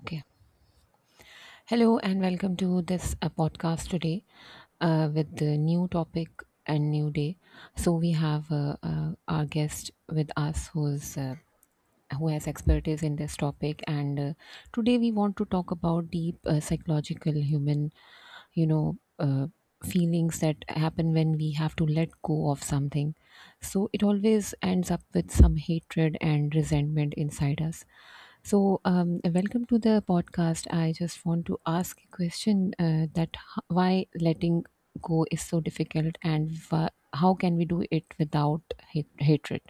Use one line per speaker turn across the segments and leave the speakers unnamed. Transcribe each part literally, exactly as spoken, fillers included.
Okay. Hello and welcome to this uh, podcast today uh, with the new topic and new day. So we have uh, uh, our guest with us who's uh, who has expertise in this topic, and uh, today we want to talk about deep uh, psychological human you know uh, feelings that happen when we have to let go of something, so it always ends up with some hatred and resentment inside us. So um, welcome to the podcast. I just want to ask a question, uh, that h- why letting go is so difficult and wha- how can we do it without hate- hatred?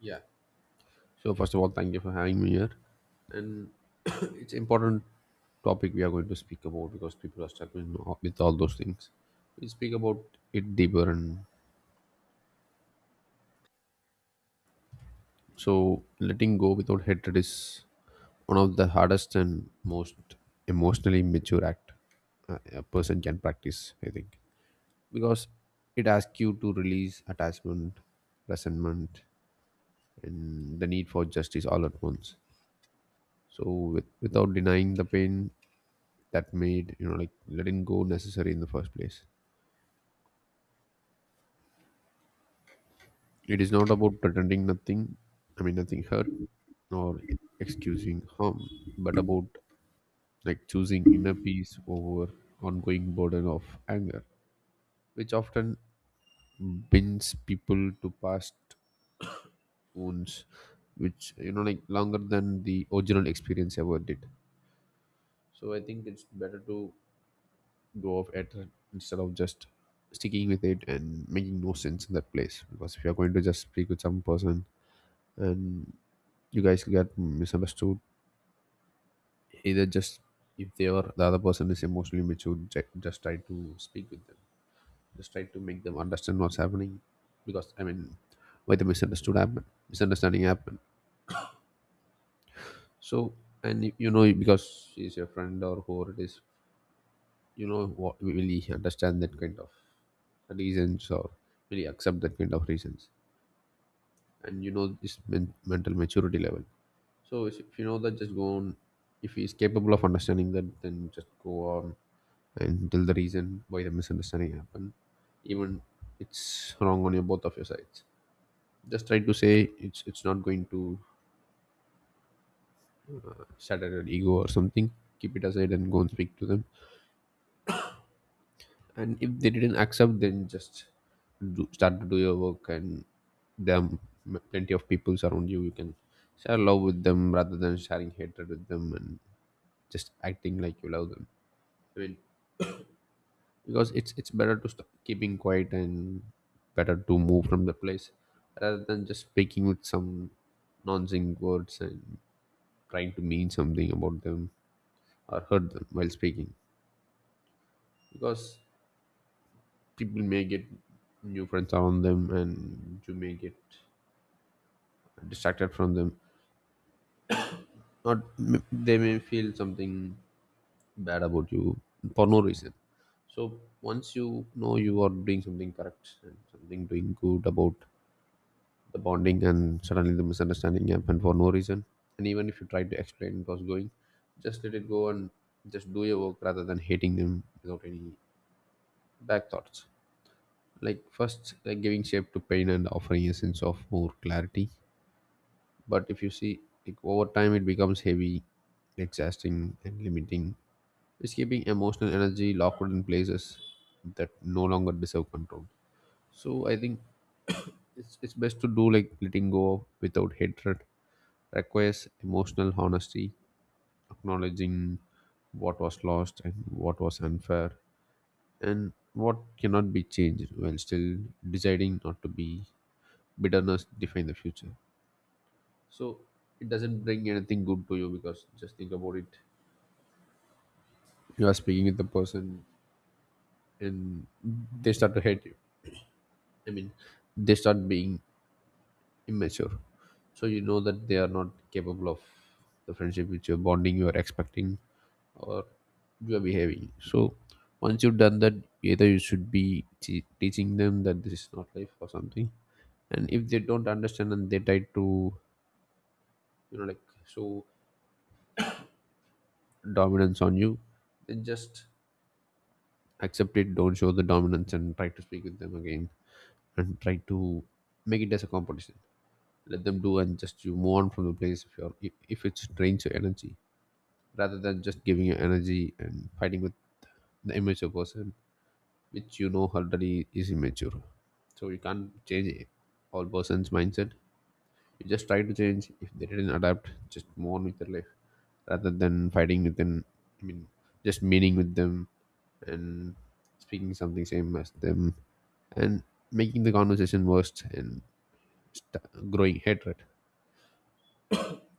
Yeah. So first of all, thank you for having me here, and it's important topic we are going to speak about because people are struggling o- with all those things. We speak about it deeper, and so letting go without hatred is one of the hardest and most emotionally mature act a a person can practice. I think because it asks you to release attachment, resentment, and the need for justice all at once. So with, without denying the pain that made you know like letting go necessary in the first place. It is not about pretending nothing, I mean nothing hurt or excusing harm, but about like choosing inner peace over ongoing burden of anger, which often binds people to past wounds, which you know like longer than the original experience ever did. So I think it's better to go of it instead of just sticking with it and making no sense in that place, because if you're going to just speak with some person and you guys get misunderstood, either just, if they are, the other person is emotionally mature, ju- just try to speak with them, just try to make them understand what's happening. Because I mean, why the misunderstood happen misunderstanding happen? So, and you you know, because she's your friend or whoever it is, you know what, really understand that kind of reasons or really accept that kind of reasons. And you know this men- mental maturity level. So is- if you know that, just go on. If he is capable of understanding that, then just go on until the reason why the misunderstanding happened. Even it's wrong on your both of your sides, just try to say, it's it's not going to shatter your ego or something. Keep it aside and go and speak to them. And if they didn't accept, then just do, start to do your work. And there are m- plenty of people around you you can share love with them rather than sharing hatred with them, and just acting like you love them. I mean, because it's it's better to stop keeping quiet and better to move from the place rather than just speaking with some nonsense words and trying to mean something about them or hurt them while speaking. Because people may get new friends around them and you may get distracted from them, or m- they may feel something bad about you for no reason. So once you know you are doing something correct and something doing good about the bonding, and suddenly the misunderstanding happened for no reason, and even if you try to explain it was going, just let it go and just do your work rather than hating them without any back thoughts. Like first, like giving shape to pain and offering a sense of more clarity, but if you see, like over time it becomes heavy, exhausting and limiting. It's keeping emotional energy locked in places that no longer deserve control. So I think it's, it's best to do, like letting go without hatred requires emotional honesty, acknowledging what was lost and what was unfair and what cannot be changed, while still deciding not to be bitterness define the future. So it doesn't bring anything good to you, because just think about it. You are speaking with the person, and they start to hate you. I mean, they start being immature. So you know that they are not capable of the friendship which you're bonding, you are expecting, or you are behaving. So once you've done that, either you should be te- teaching them that this is not life or something. And if they don't understand and they try to, you know, like show dominance on you, then just accept it. Don't show the dominance and try to speak with them again and try to make it as a competition. Let them do, and just you move on from the place if you're if, if it drains your energy, rather than just giving your energy and fighting with the immature person, which you know already is immature. So you can't change a all person's mindset. You just try to change. If they didn't adapt, just move on with your life rather than fighting with them. I mean, just meeting with them and speaking something same as them and making the conversation worse and st- growing hatred.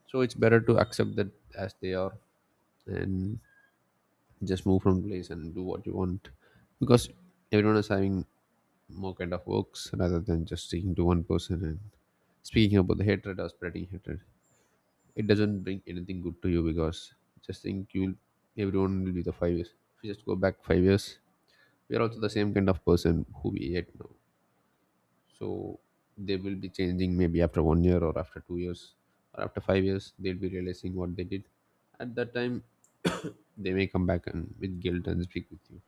So it's better to accept that as they are and just move from place and do what you want, because everyone is having more kind of works rather than just sticking to one person and speaking about the hatred or spreading hatred. It doesn't bring anything good to you, because just think you'll everyone will be the five years. If you just go back five years, we are also the same kind of person who we are now. So they will be changing maybe after one year or after two years or after five years, they'll be realizing what they did. At that time, they may come back and with guilt and speak with you.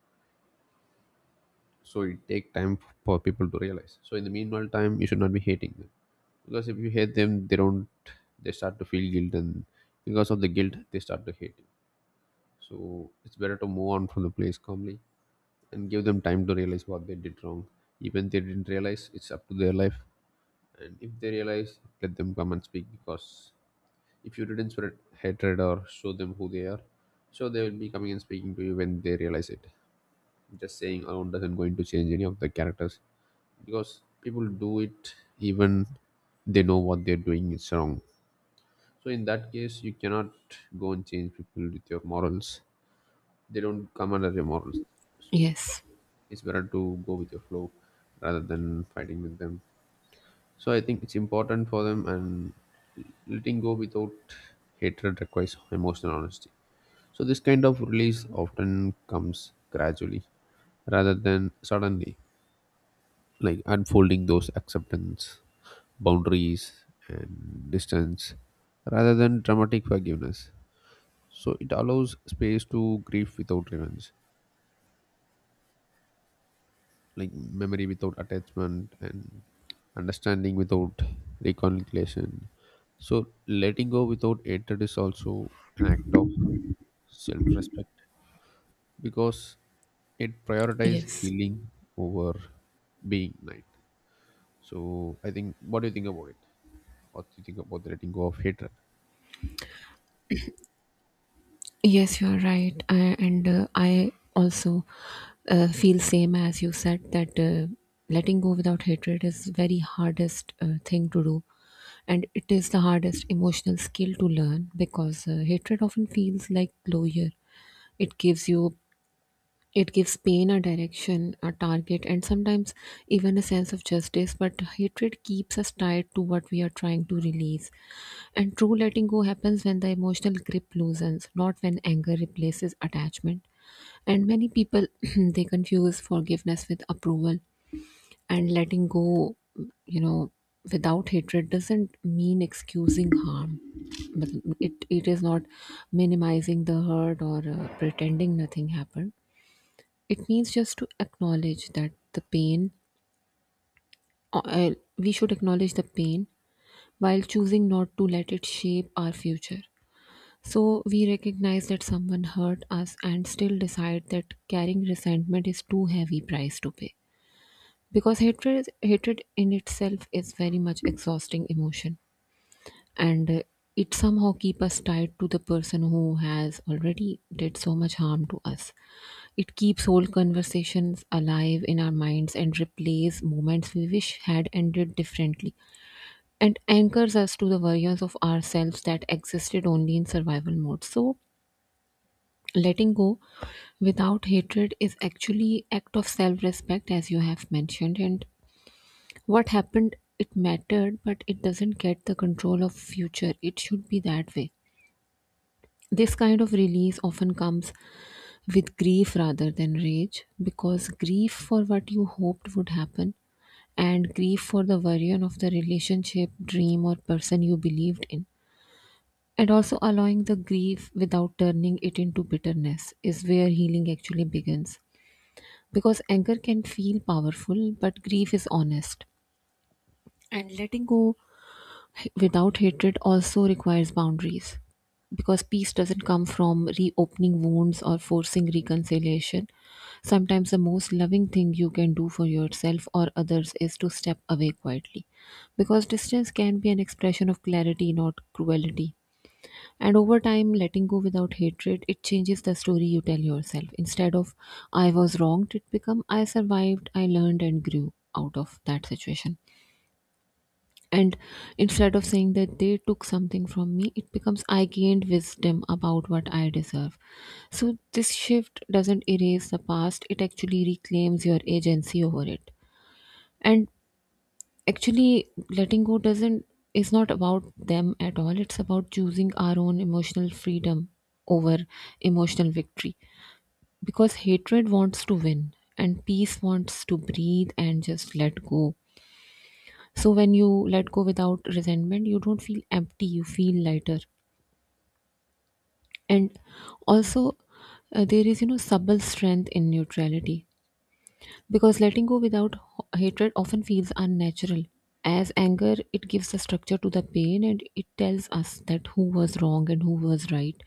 So it take time for people to realize. So in the meanwhile time, you should not be hating them, because if you hate them, they don't. They start to feel guilt, and because of the guilt, they start to hate. So it's better to move on from the place calmly and give them time to realize what they did wrong. Even they didn't realize, it's up to their life. And if they realize, let them come and speak, because if you didn't spread hatred or show them who they are, sure they will be coming and speaking to you when they realize it. Just saying alone doesn't going to change any of the characters, because people do it even they know what they're doing is wrong. So in that case, you cannot go and change people with your morals. They don't come under your morals. So
Yes,
it's better to go with your flow rather than fighting with them. So I think it's important for them. And letting go without hatred requires emotional honesty. So this kind of release often comes gradually rather than suddenly, like unfolding those acceptance, boundaries, and distance rather than dramatic forgiveness. So it allows space to grieve without revenge, like memory without attachment, and understanding without reconciliation. So letting go without hatred is also an act of self-respect, because it prioritizes
yes.
healing over being right. So I think, what do you think about it? What do you think about the letting go of hatred?
Yes, you're right. I, and uh, I also uh, feel same as you said that uh, letting go without hatred is very hardest uh, thing to do. And it is the hardest emotional skill to learn because uh, hatred often feels like closure. It gives you it gives pain a direction, a target, and sometimes even a sense of justice, but hatred keeps us tied to what we are trying to release. And true letting go happens when the emotional grip loosens, not when anger replaces attachment. And many people they confuse forgiveness with approval, and letting go, you know, without hatred doesn't mean excusing harm. But it, it is not minimizing the hurt or uh, pretending nothing happened. It means just to acknowledge that the pain, uh, uh, we should acknowledge the pain while choosing not to let it shape our future. So we recognize that someone hurt us and still decide that carrying resentment is too heavy price to pay. Because hatred, hatred in itself is very much exhausting emotion. and uh, it somehow keep us tied to the person who has already did so much harm to us. It keeps whole conversations alive in our minds and replays moments we wish had ended differently, and anchors us to the versions of ourselves that existed only in survival mode. So letting go without hatred is actually act of self-respect, as you have mentioned, and what happened, it mattered, but it doesn't get the control of future. It should be that way. This kind of release often comes with grief rather than rage, because grief for what you hoped would happen, and grief for the version of the relationship, dream, or person you believed in. And also allowing the grief without turning it into bitterness is where healing actually begins. Because anger can feel powerful, but grief is honest. And letting go without hatred also requires boundaries, because peace doesn't come from reopening wounds or forcing reconciliation. Sometimes the most loving thing you can do for yourself or others is to step away quietly, because distance can be an expression of clarity, not cruelty. And over time, letting go without hatred, it changes the story you tell yourself. Instead of I was wronged, it become I survived, I learned and grew out of that situation. And instead of saying that they took something from me, it becomes I gained wisdom about what I deserve. So this shift doesn't erase the past, it actually reclaims your agency over it. And actually, letting go doesn't is not about them at all, it's about choosing our own emotional freedom over emotional victory. Because hatred wants to win, and peace wants to breathe and just let go. So when you let go without resentment, you don't feel empty, you feel lighter. And also, uh, there is, you know, subtle strength in neutrality, because letting go without h- hatred often feels unnatural. As anger, it gives a structure to the pain and it tells us that who was wrong and who was right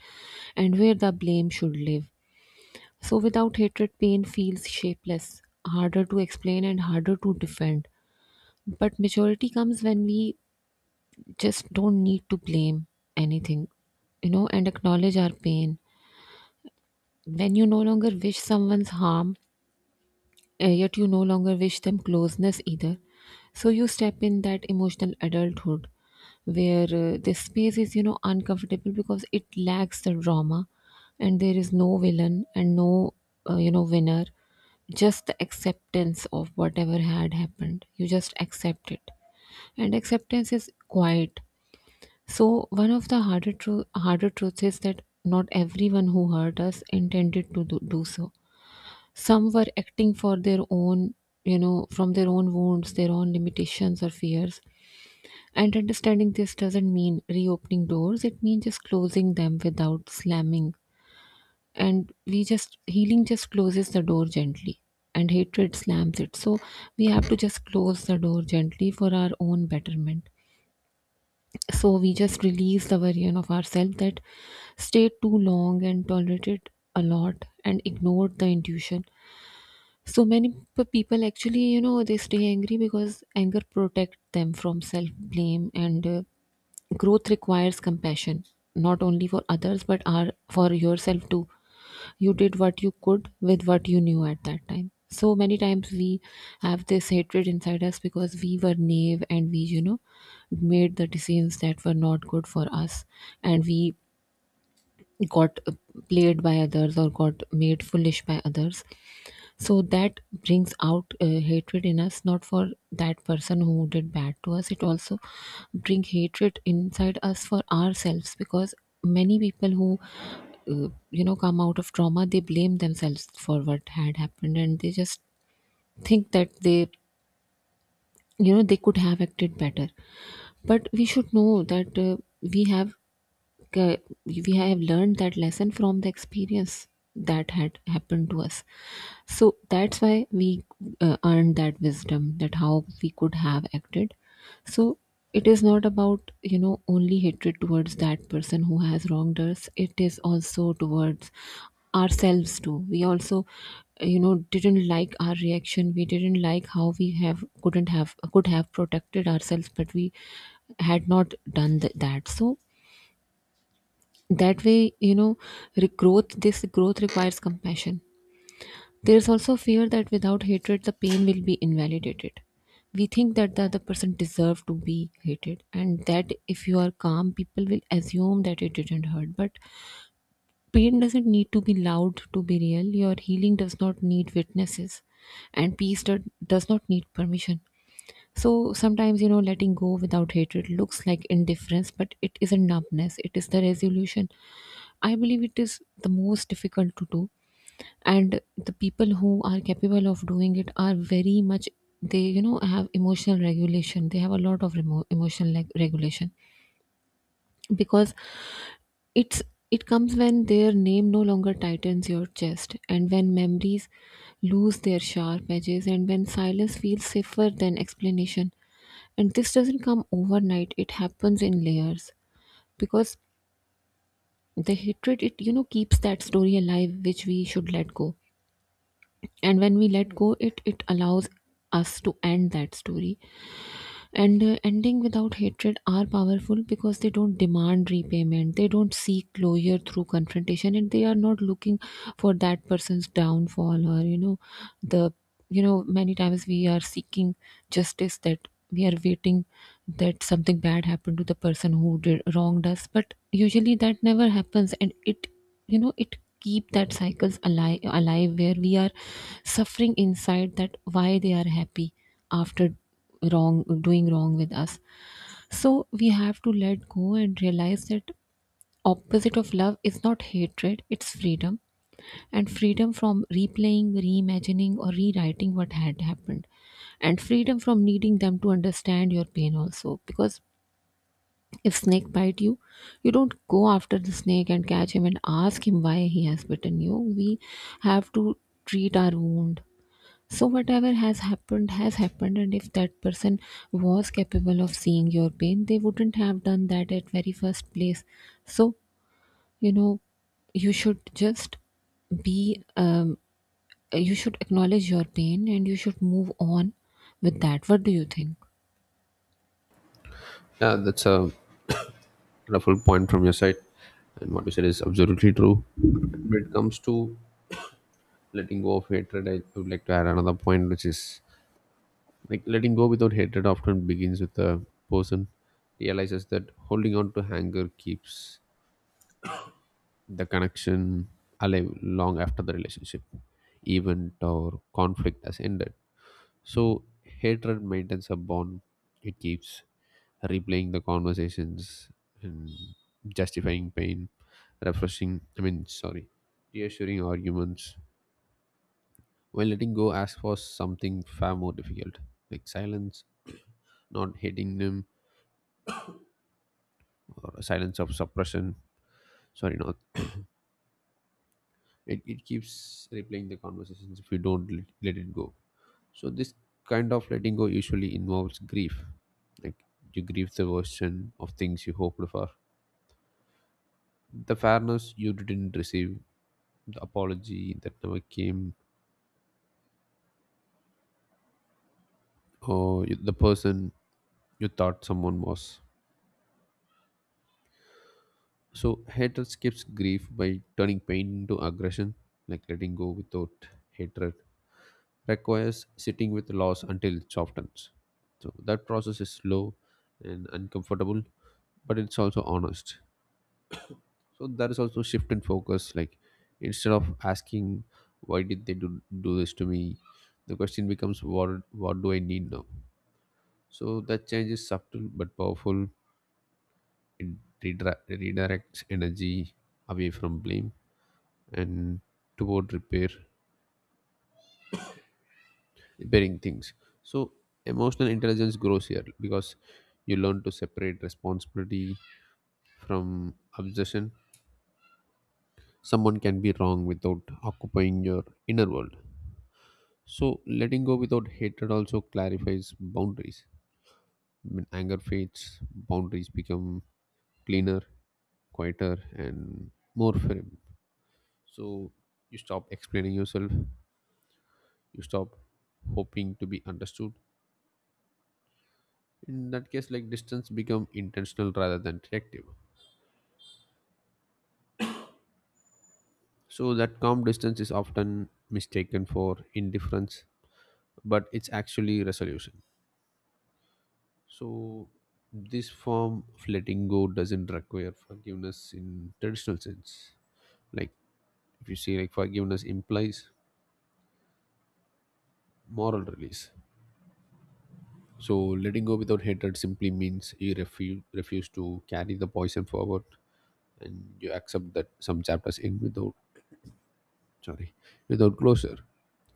and where the blame should live. So without hatred, pain feels shapeless, harder to explain and harder to defend. But maturity comes when we just don't need to blame anything, you know, and acknowledge our pain. When you no longer wish someone's harm, uh, yet you no longer wish them closeness either. So you step in that emotional adulthood where uh, this space is, you know, uncomfortable because it lacks the drama, and there is no villain and no, uh, you know, winner. Just the acceptance of whatever had happened. You just accept it, and acceptance is quiet. So, one of the harder, tru- harder truths is that not everyone who hurt us intended to do, do so. Some were acting for their own, you know, from their own wounds, their own limitations or fears. And understanding this doesn't mean reopening doors, it means just closing them without slamming. And we just, healing just closes the door gently, and hatred slams it. So, we have to just close the door gently for our own betterment. So we just release the version of ourselves that stayed too long and tolerated a lot and ignored the intuition. So many p- people actually, you know, they stay angry because anger protects them from self blame, and uh, growth requires compassion, not only for others but are for yourself too. You did what you could with what you knew at that time. So many times we have this hatred inside us because we were naive, and we, you know, made the decisions that were not good for us, and we got uh, played by others or got made foolish by others. So that brings out uh, hatred in us, not for that person who did bad to us. It also bring hatred inside us for ourselves, because many people who uh, you know come out of trauma, they blame themselves for what had happened, and they just think that they, you know, they could have acted better. But we should know that uh, we have K- we have learned that lesson from the experience that had happened to us. So that's why we uh, earned that wisdom that how we could have acted. So it is not about, you know, only hatred towards that person who has wronged us. It is also towards ourselves too. We also, you know, didn't like our reaction. We didn't like how we have couldn't have could have protected ourselves, but we had not done th- that. So that way, you know, re- growth, this growth requires compassion. There is also fear that without hatred the pain will be invalidated. We think that the other person deserves to be hated and that if you are calm people will assume that it didn't hurt. But pain doesn't need to be loud to be real. Your healing does not need witnesses, and peace do- does not need permission. So sometimes, you know, letting go without hatred looks like indifference, but it isn't numbness, it is the resolution. I believe it is the most difficult to do, and the people who are capable of doing it are very much, they, you know, have emotional regulation. They have a lot of remo- emotional leg- regulation, because it's it comes when their name no longer tightens your chest, and when memories lose their sharp edges, and when silence feels safer than explanation. And this doesn't come overnight; it happens in layers, because the hatred, it, you know, keeps that story alive, which we should let go. And when we let go, it it allows us to end that story. And uh, ending without hatred are powerful because they don't demand repayment, they don't seek closure through confrontation, and they are not looking for that person's downfall, or, you know, the, you know, many times we are seeking justice, that we are waiting that something bad happened to the person who did wronged us. But usually that never happens, and it, you know, it keep that cycles alive alive, where we are suffering inside, that why they are happy after wrong, doing wrong with us. So we have to let go and realize that opposite of love is not hatred, it's freedom. And freedom from replaying, reimagining, or rewriting what had happened, and freedom from needing them to understand your pain also, because if snake bite you, you don't go after the snake and catch him and ask him why he has bitten you. We have to treat our wound. So, whatever has happened has happened, and if that person was capable of seeing your pain, they wouldn't have done that at very first place. So, you know, you should just be, um, you should acknowledge your pain and you should move on with that. What do you think?
Yeah, that's a wonderful point from your side, and what you said is absolutely true. When it comes to letting go of hatred, I would like to add another point, which is: like letting go without hatred often begins with a person realizes that holding on to anger keeps the connection alive long after the relationship event or conflict has ended. So hatred maintains a bond. It keeps replaying the conversations and justifying pain, refreshing, I mean sorry, reassuring arguments. While letting go asks for something far more difficult, like silence, not hating them or silence of suppression, sorry not, it, it keeps replaying the conversations if you don't let, let it go. So this kind of letting go usually involves grief, like you grieve the version of things you hoped for, the fairness you didn't receive, the apology that never came, or you- the person you thought someone was. So hatred skips grief by turning pain into aggression, like letting go without hatred requires sitting with loss until it softens. So that process is slow and uncomfortable, but it's also honest. So there is also shift in focus. Like instead of asking, why did they do, do this to me, the question becomes, what what do I need now? So that change is subtle but powerful. It redra- redirects energy away from blame and toward repair repairing things. So emotional intelligence grows here, because you learn to separate responsibility from obsession. Someone can be wrong without occupying your inner world. So letting go without hatred also clarifies boundaries. When anger fades, boundaries become cleaner, quieter, and more firm. So you stop explaining yourself, you stop hoping to be understood. In that case, like distance become intentional rather than reactive, so that calm distance is often mistaken for indifference, but it's actually resolution. So this form of letting go doesn't require forgiveness in traditional sense. Like if you see, like forgiveness implies moral release. So letting go without hatred simply means you refuse refuse to carry the poison forward, and you accept that some chapters end without, sorry, without closure.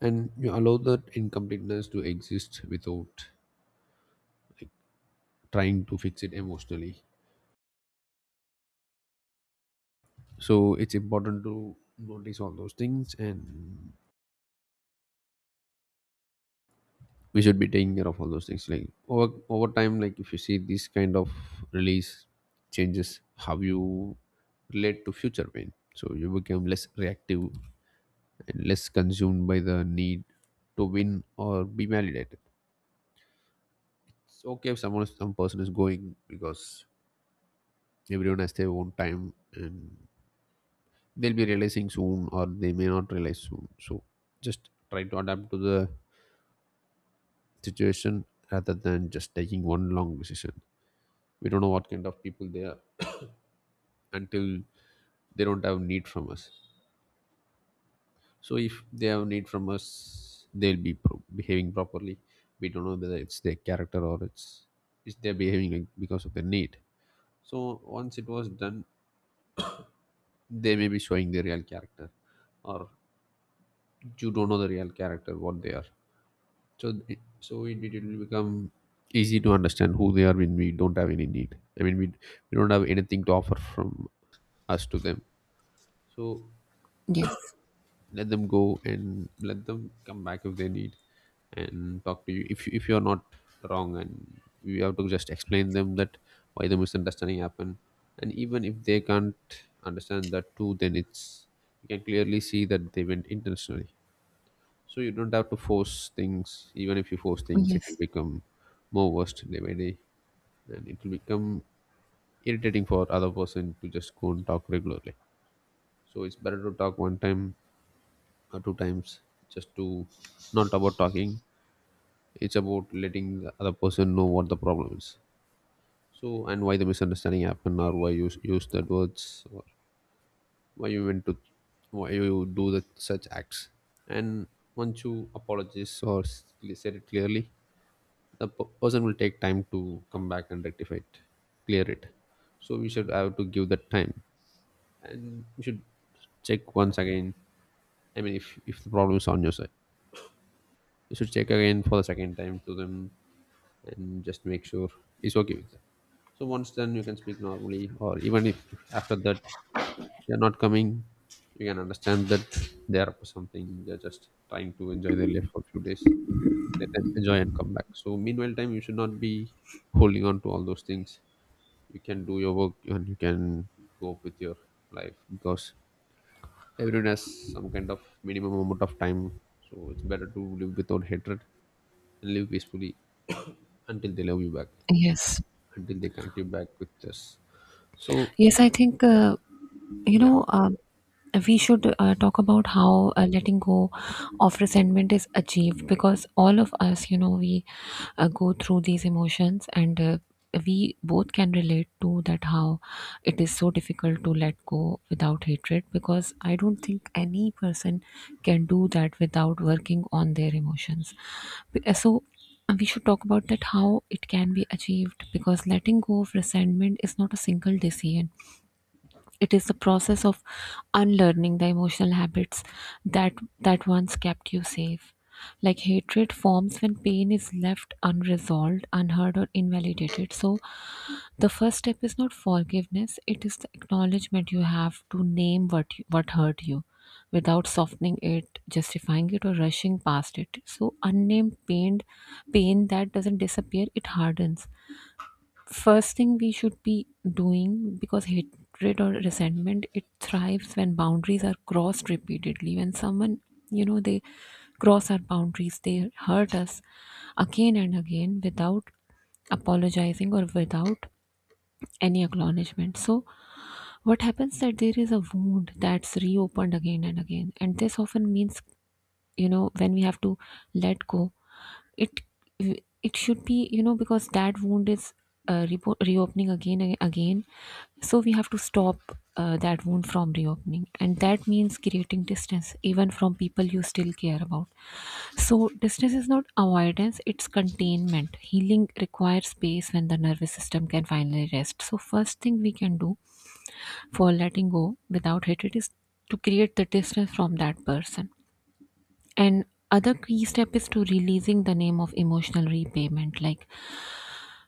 And you allow that incompleteness to exist without trying to fix it emotionally. So it's important to notice all those things, and we should be taking care of all those things. Like over over time, like if you see this kind of release changes how you relate to future pain. So you become less reactive and less consumed by the need to win or be validated. It's okay if someone some person is going because everyone has their own time and they'll be realizing soon or they may not realize soon, so just try to adapt to the situation rather than just taking one long decision. We don't know what kind of people they are until they don't have need from us. So if they have need from us, they'll be pro- behaving properly. We don't know whether it's their character or it's it's they're behaving like because of their need. So once it was done, they may be showing their real character, or you don't know the real character what they are. So it, so it, it will become easy to understand who they are when we don't have any need. I mean, we, we don't have anything to offer from us to them. So
Yes,
let them go and let them come back if they need, and talk to you if, you- if you're not wrong, and you have to just explain them that why the misunderstanding happened. And even if they can't understand that too, then it's, you can clearly see that they went intentionally. So you don't have to force things. Even if you force things, it
yes,
will become more worst day by day, and it will become irritating for other person to just go and talk regularly. So it's better to talk one time or two times, just to, not about talking. It's about letting the other person know what the problem is. So and why the misunderstanding happened, or why you s- use that words, or why you went to, why you do that such acts. And once you apologize or s- said it clearly, the p- person will take time to come back and rectify it, clear it. So we should have to give that time, and we should check once again. I mean if, if the problem is on your side, you should check again for the second time to them and just make sure it's okay with that. So once then you can speak normally, or even if, if after that they're not coming, you can understand that they're up to something, they're just trying to enjoy their life for a few days. Let them enjoy and come back. So meanwhile time you should not be holding on to all those things. You can do your work and you can cope with your life, because everyone has some kind of minimum amount of time. So it's better to live without hatred and live peacefully until they love you back,
yes,
until they connect you back with us. So
yes. I think. Uh, you
yeah,
know um, we should uh, talk about how uh, letting go of resentment is achieved because all of us you know we uh, go through these emotions and uh, we both can relate to that how it is so difficult to let go without hatred because I don't think any person can do that without working on their emotions. Be- uh, so uh, we should talk about that how it can be achieved because letting go of resentment is not a single decision. It is the process of unlearning the emotional habits that that once kept you safe. Like, hatred forms when pain is left unresolved, unheard, or invalidated. So, the first step is not forgiveness; it is the acknowledgement. You have to name what you, what hurt you, without softening it, justifying it, or rushing past it. So, unnamed pain, pain that doesn't disappear, it hardens. First thing we should be doing, because hatred or resentment, it thrives when boundaries are crossed repeatedly. When someone, you know they cross our boundaries, they hurt us again and again without apologizing or without any acknowledgement. So what happens, that there is a wound that's reopened again and again. And this often means, you know when we have to let go, it it should be, you know because that wound is uh, repo reopening again and again. So we have to stop uh, that wound from reopening, and that means creating distance even from people you still care about. So distance is not avoidance, it's containment. Healing requires space when the nervous system can finally rest. So first thing we can do for letting go without hatred is to create the distance from that person. And other key step is to releasing the name of emotional repayment. Like,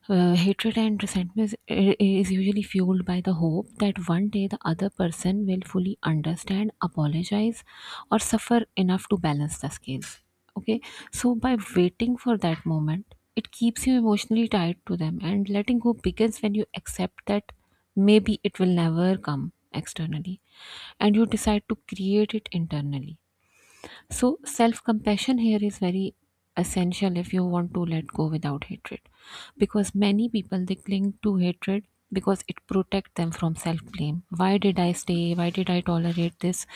uh, hatred and resentment is, is usually fueled by the hope that one day the other person will fully understand, apologize, or suffer enough to balance the scales. Okay, so by waiting for that moment, it keeps you emotionally tied to them, and letting go begins when you accept that maybe it will never come externally, and you decide to create it internally. So, self compassion here is very essential if you want to let go without hatred. Because many people, they cling to hatred because it protects them from self blame. Why did I stay? Why did I tolerate this?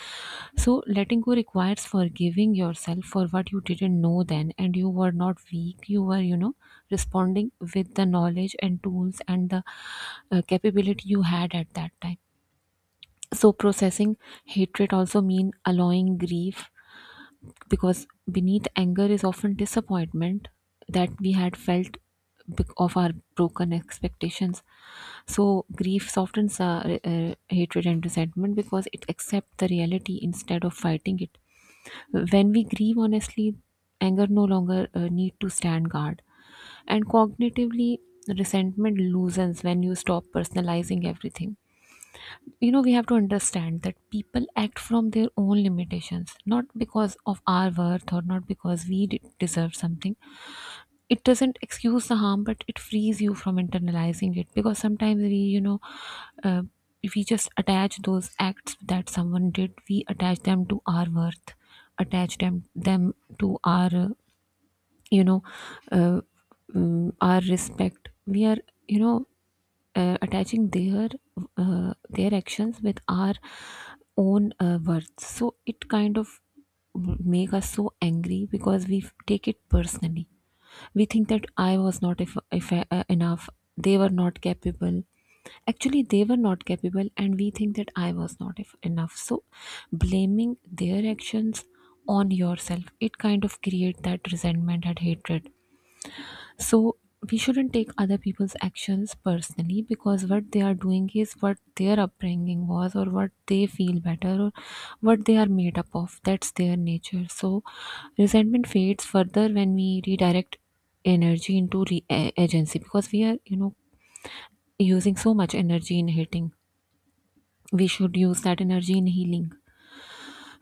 So, letting go requires forgiving yourself for what you didn't know then, and you were not weak. You were, you know, responding with the knowledge and tools and the uh, capability you had at that time. So, processing hatred also mean allowing grief, because beneath anger is often disappointment that we had felt bec- of our broken expectations. So grief softens our uh, hatred and resentment because it accepts the reality instead of fighting it. When we grieve honestly, anger no longer uh, need to stand guard. And cognitively, resentment loosens when you stop personalizing everything. You know, we have to understand that people act from their own limitations, not because of our worth or not because we de- deserve something. It doesn't excuse the harm, but it frees you from internalizing it. Because sometimes we, you know uh, if we just attach those acts that someone did, we attach them to our worth, attach them them to our uh, you know uh, mm, our respect. We are, you know uh, attaching their uh, their actions with our own uh, words, so it kind of make us so angry because we f- take it personally. We think that I was not if, if uh, enough. They were not capable. Actually, they were not capable, and we think that I was not if enough. So blaming their actions on yourself, it kind of create that resentment and hatred. So we shouldn't take other people's actions personally, because what they are doing is what their upbringing was, or what they feel better, or what they are made up of. That's their nature. So resentment fades further when we redirect energy into re- a- agency, because we are, you know, using so much energy in hating. We should use that energy in healing.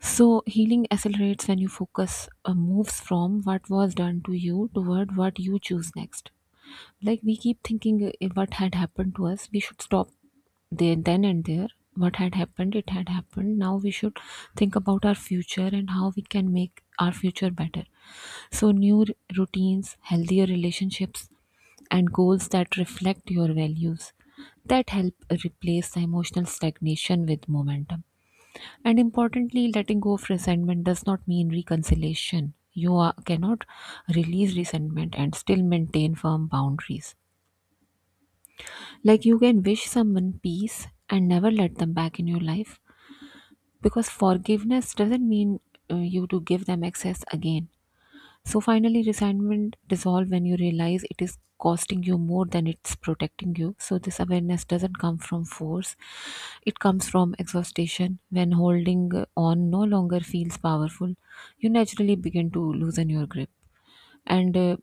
So healing accelerates when you focus uh, moves from what was done to you toward what you choose next. Like, we keep thinking uh, what had happened to us. We should stop there, then and there. What had happened, it had happened. Now we should think about our future and how we can make our future better. So new r- routines, healthier relationships, and goals that reflect your values, that help replace the emotional stagnation with momentum. And importantly, letting go of resentment does not mean reconciliation. You are, cannot release resentment and still maintain firm boundaries. Like, you can wish someone peace and never let them back in your life, because forgiveness doesn't mean uh, you to give them access again. So finally, resentment dissolve when you realize it is costing you more than it's protecting you. So this awareness doesn't come from force; it comes from exhaustion. When holding on no longer feels powerful, you naturally begin to loosen your grip. And uh,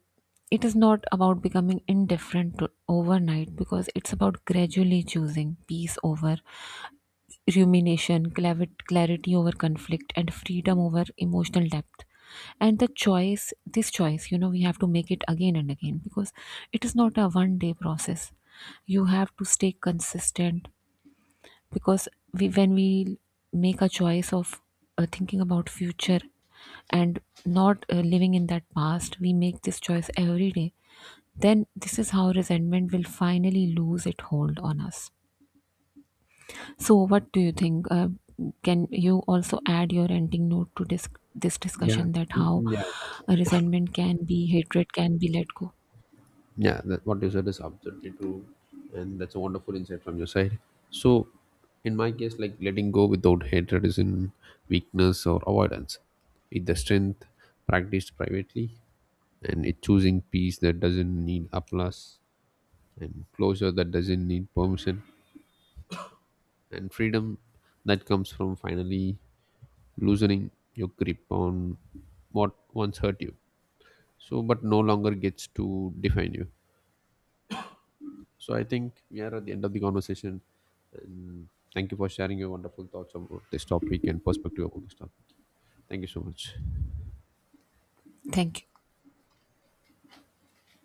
it is not about becoming indifferent to- overnight, because it's about gradually choosing peace over rumination, clavi- clarity over conflict, and freedom over emotional depth. And the choice, this choice, you know, we have to make it again and again, because it is not a one day process. You have to stay consistent. Because we when we make a choice of uh, thinking about future and not uh, living in that past, we make this choice every day. Then this is how resentment will finally lose its hold on us. So what do you think, uh, can you also add your ending note to this this
yeah.
discussion, that
Mm,
how
mm, yeah, yeah.
uh, resentment can be, hatred can be let go?
Yeah, that, what you said is absolutely true, and that's a wonderful insight from your side. So in my case, like letting go without hatred is in weakness or avoidance. It's the strength practiced privately, and it choosing peace that doesn't need applause, and closure that doesn't need permission, and freedom that comes from finally loosening your grip on what once hurt you, so but no longer gets to define you. So I think we are at the end of the conversation, and thank you for sharing your wonderful thoughts about this topic and perspective about this topic. Thank you so much.
Thank you.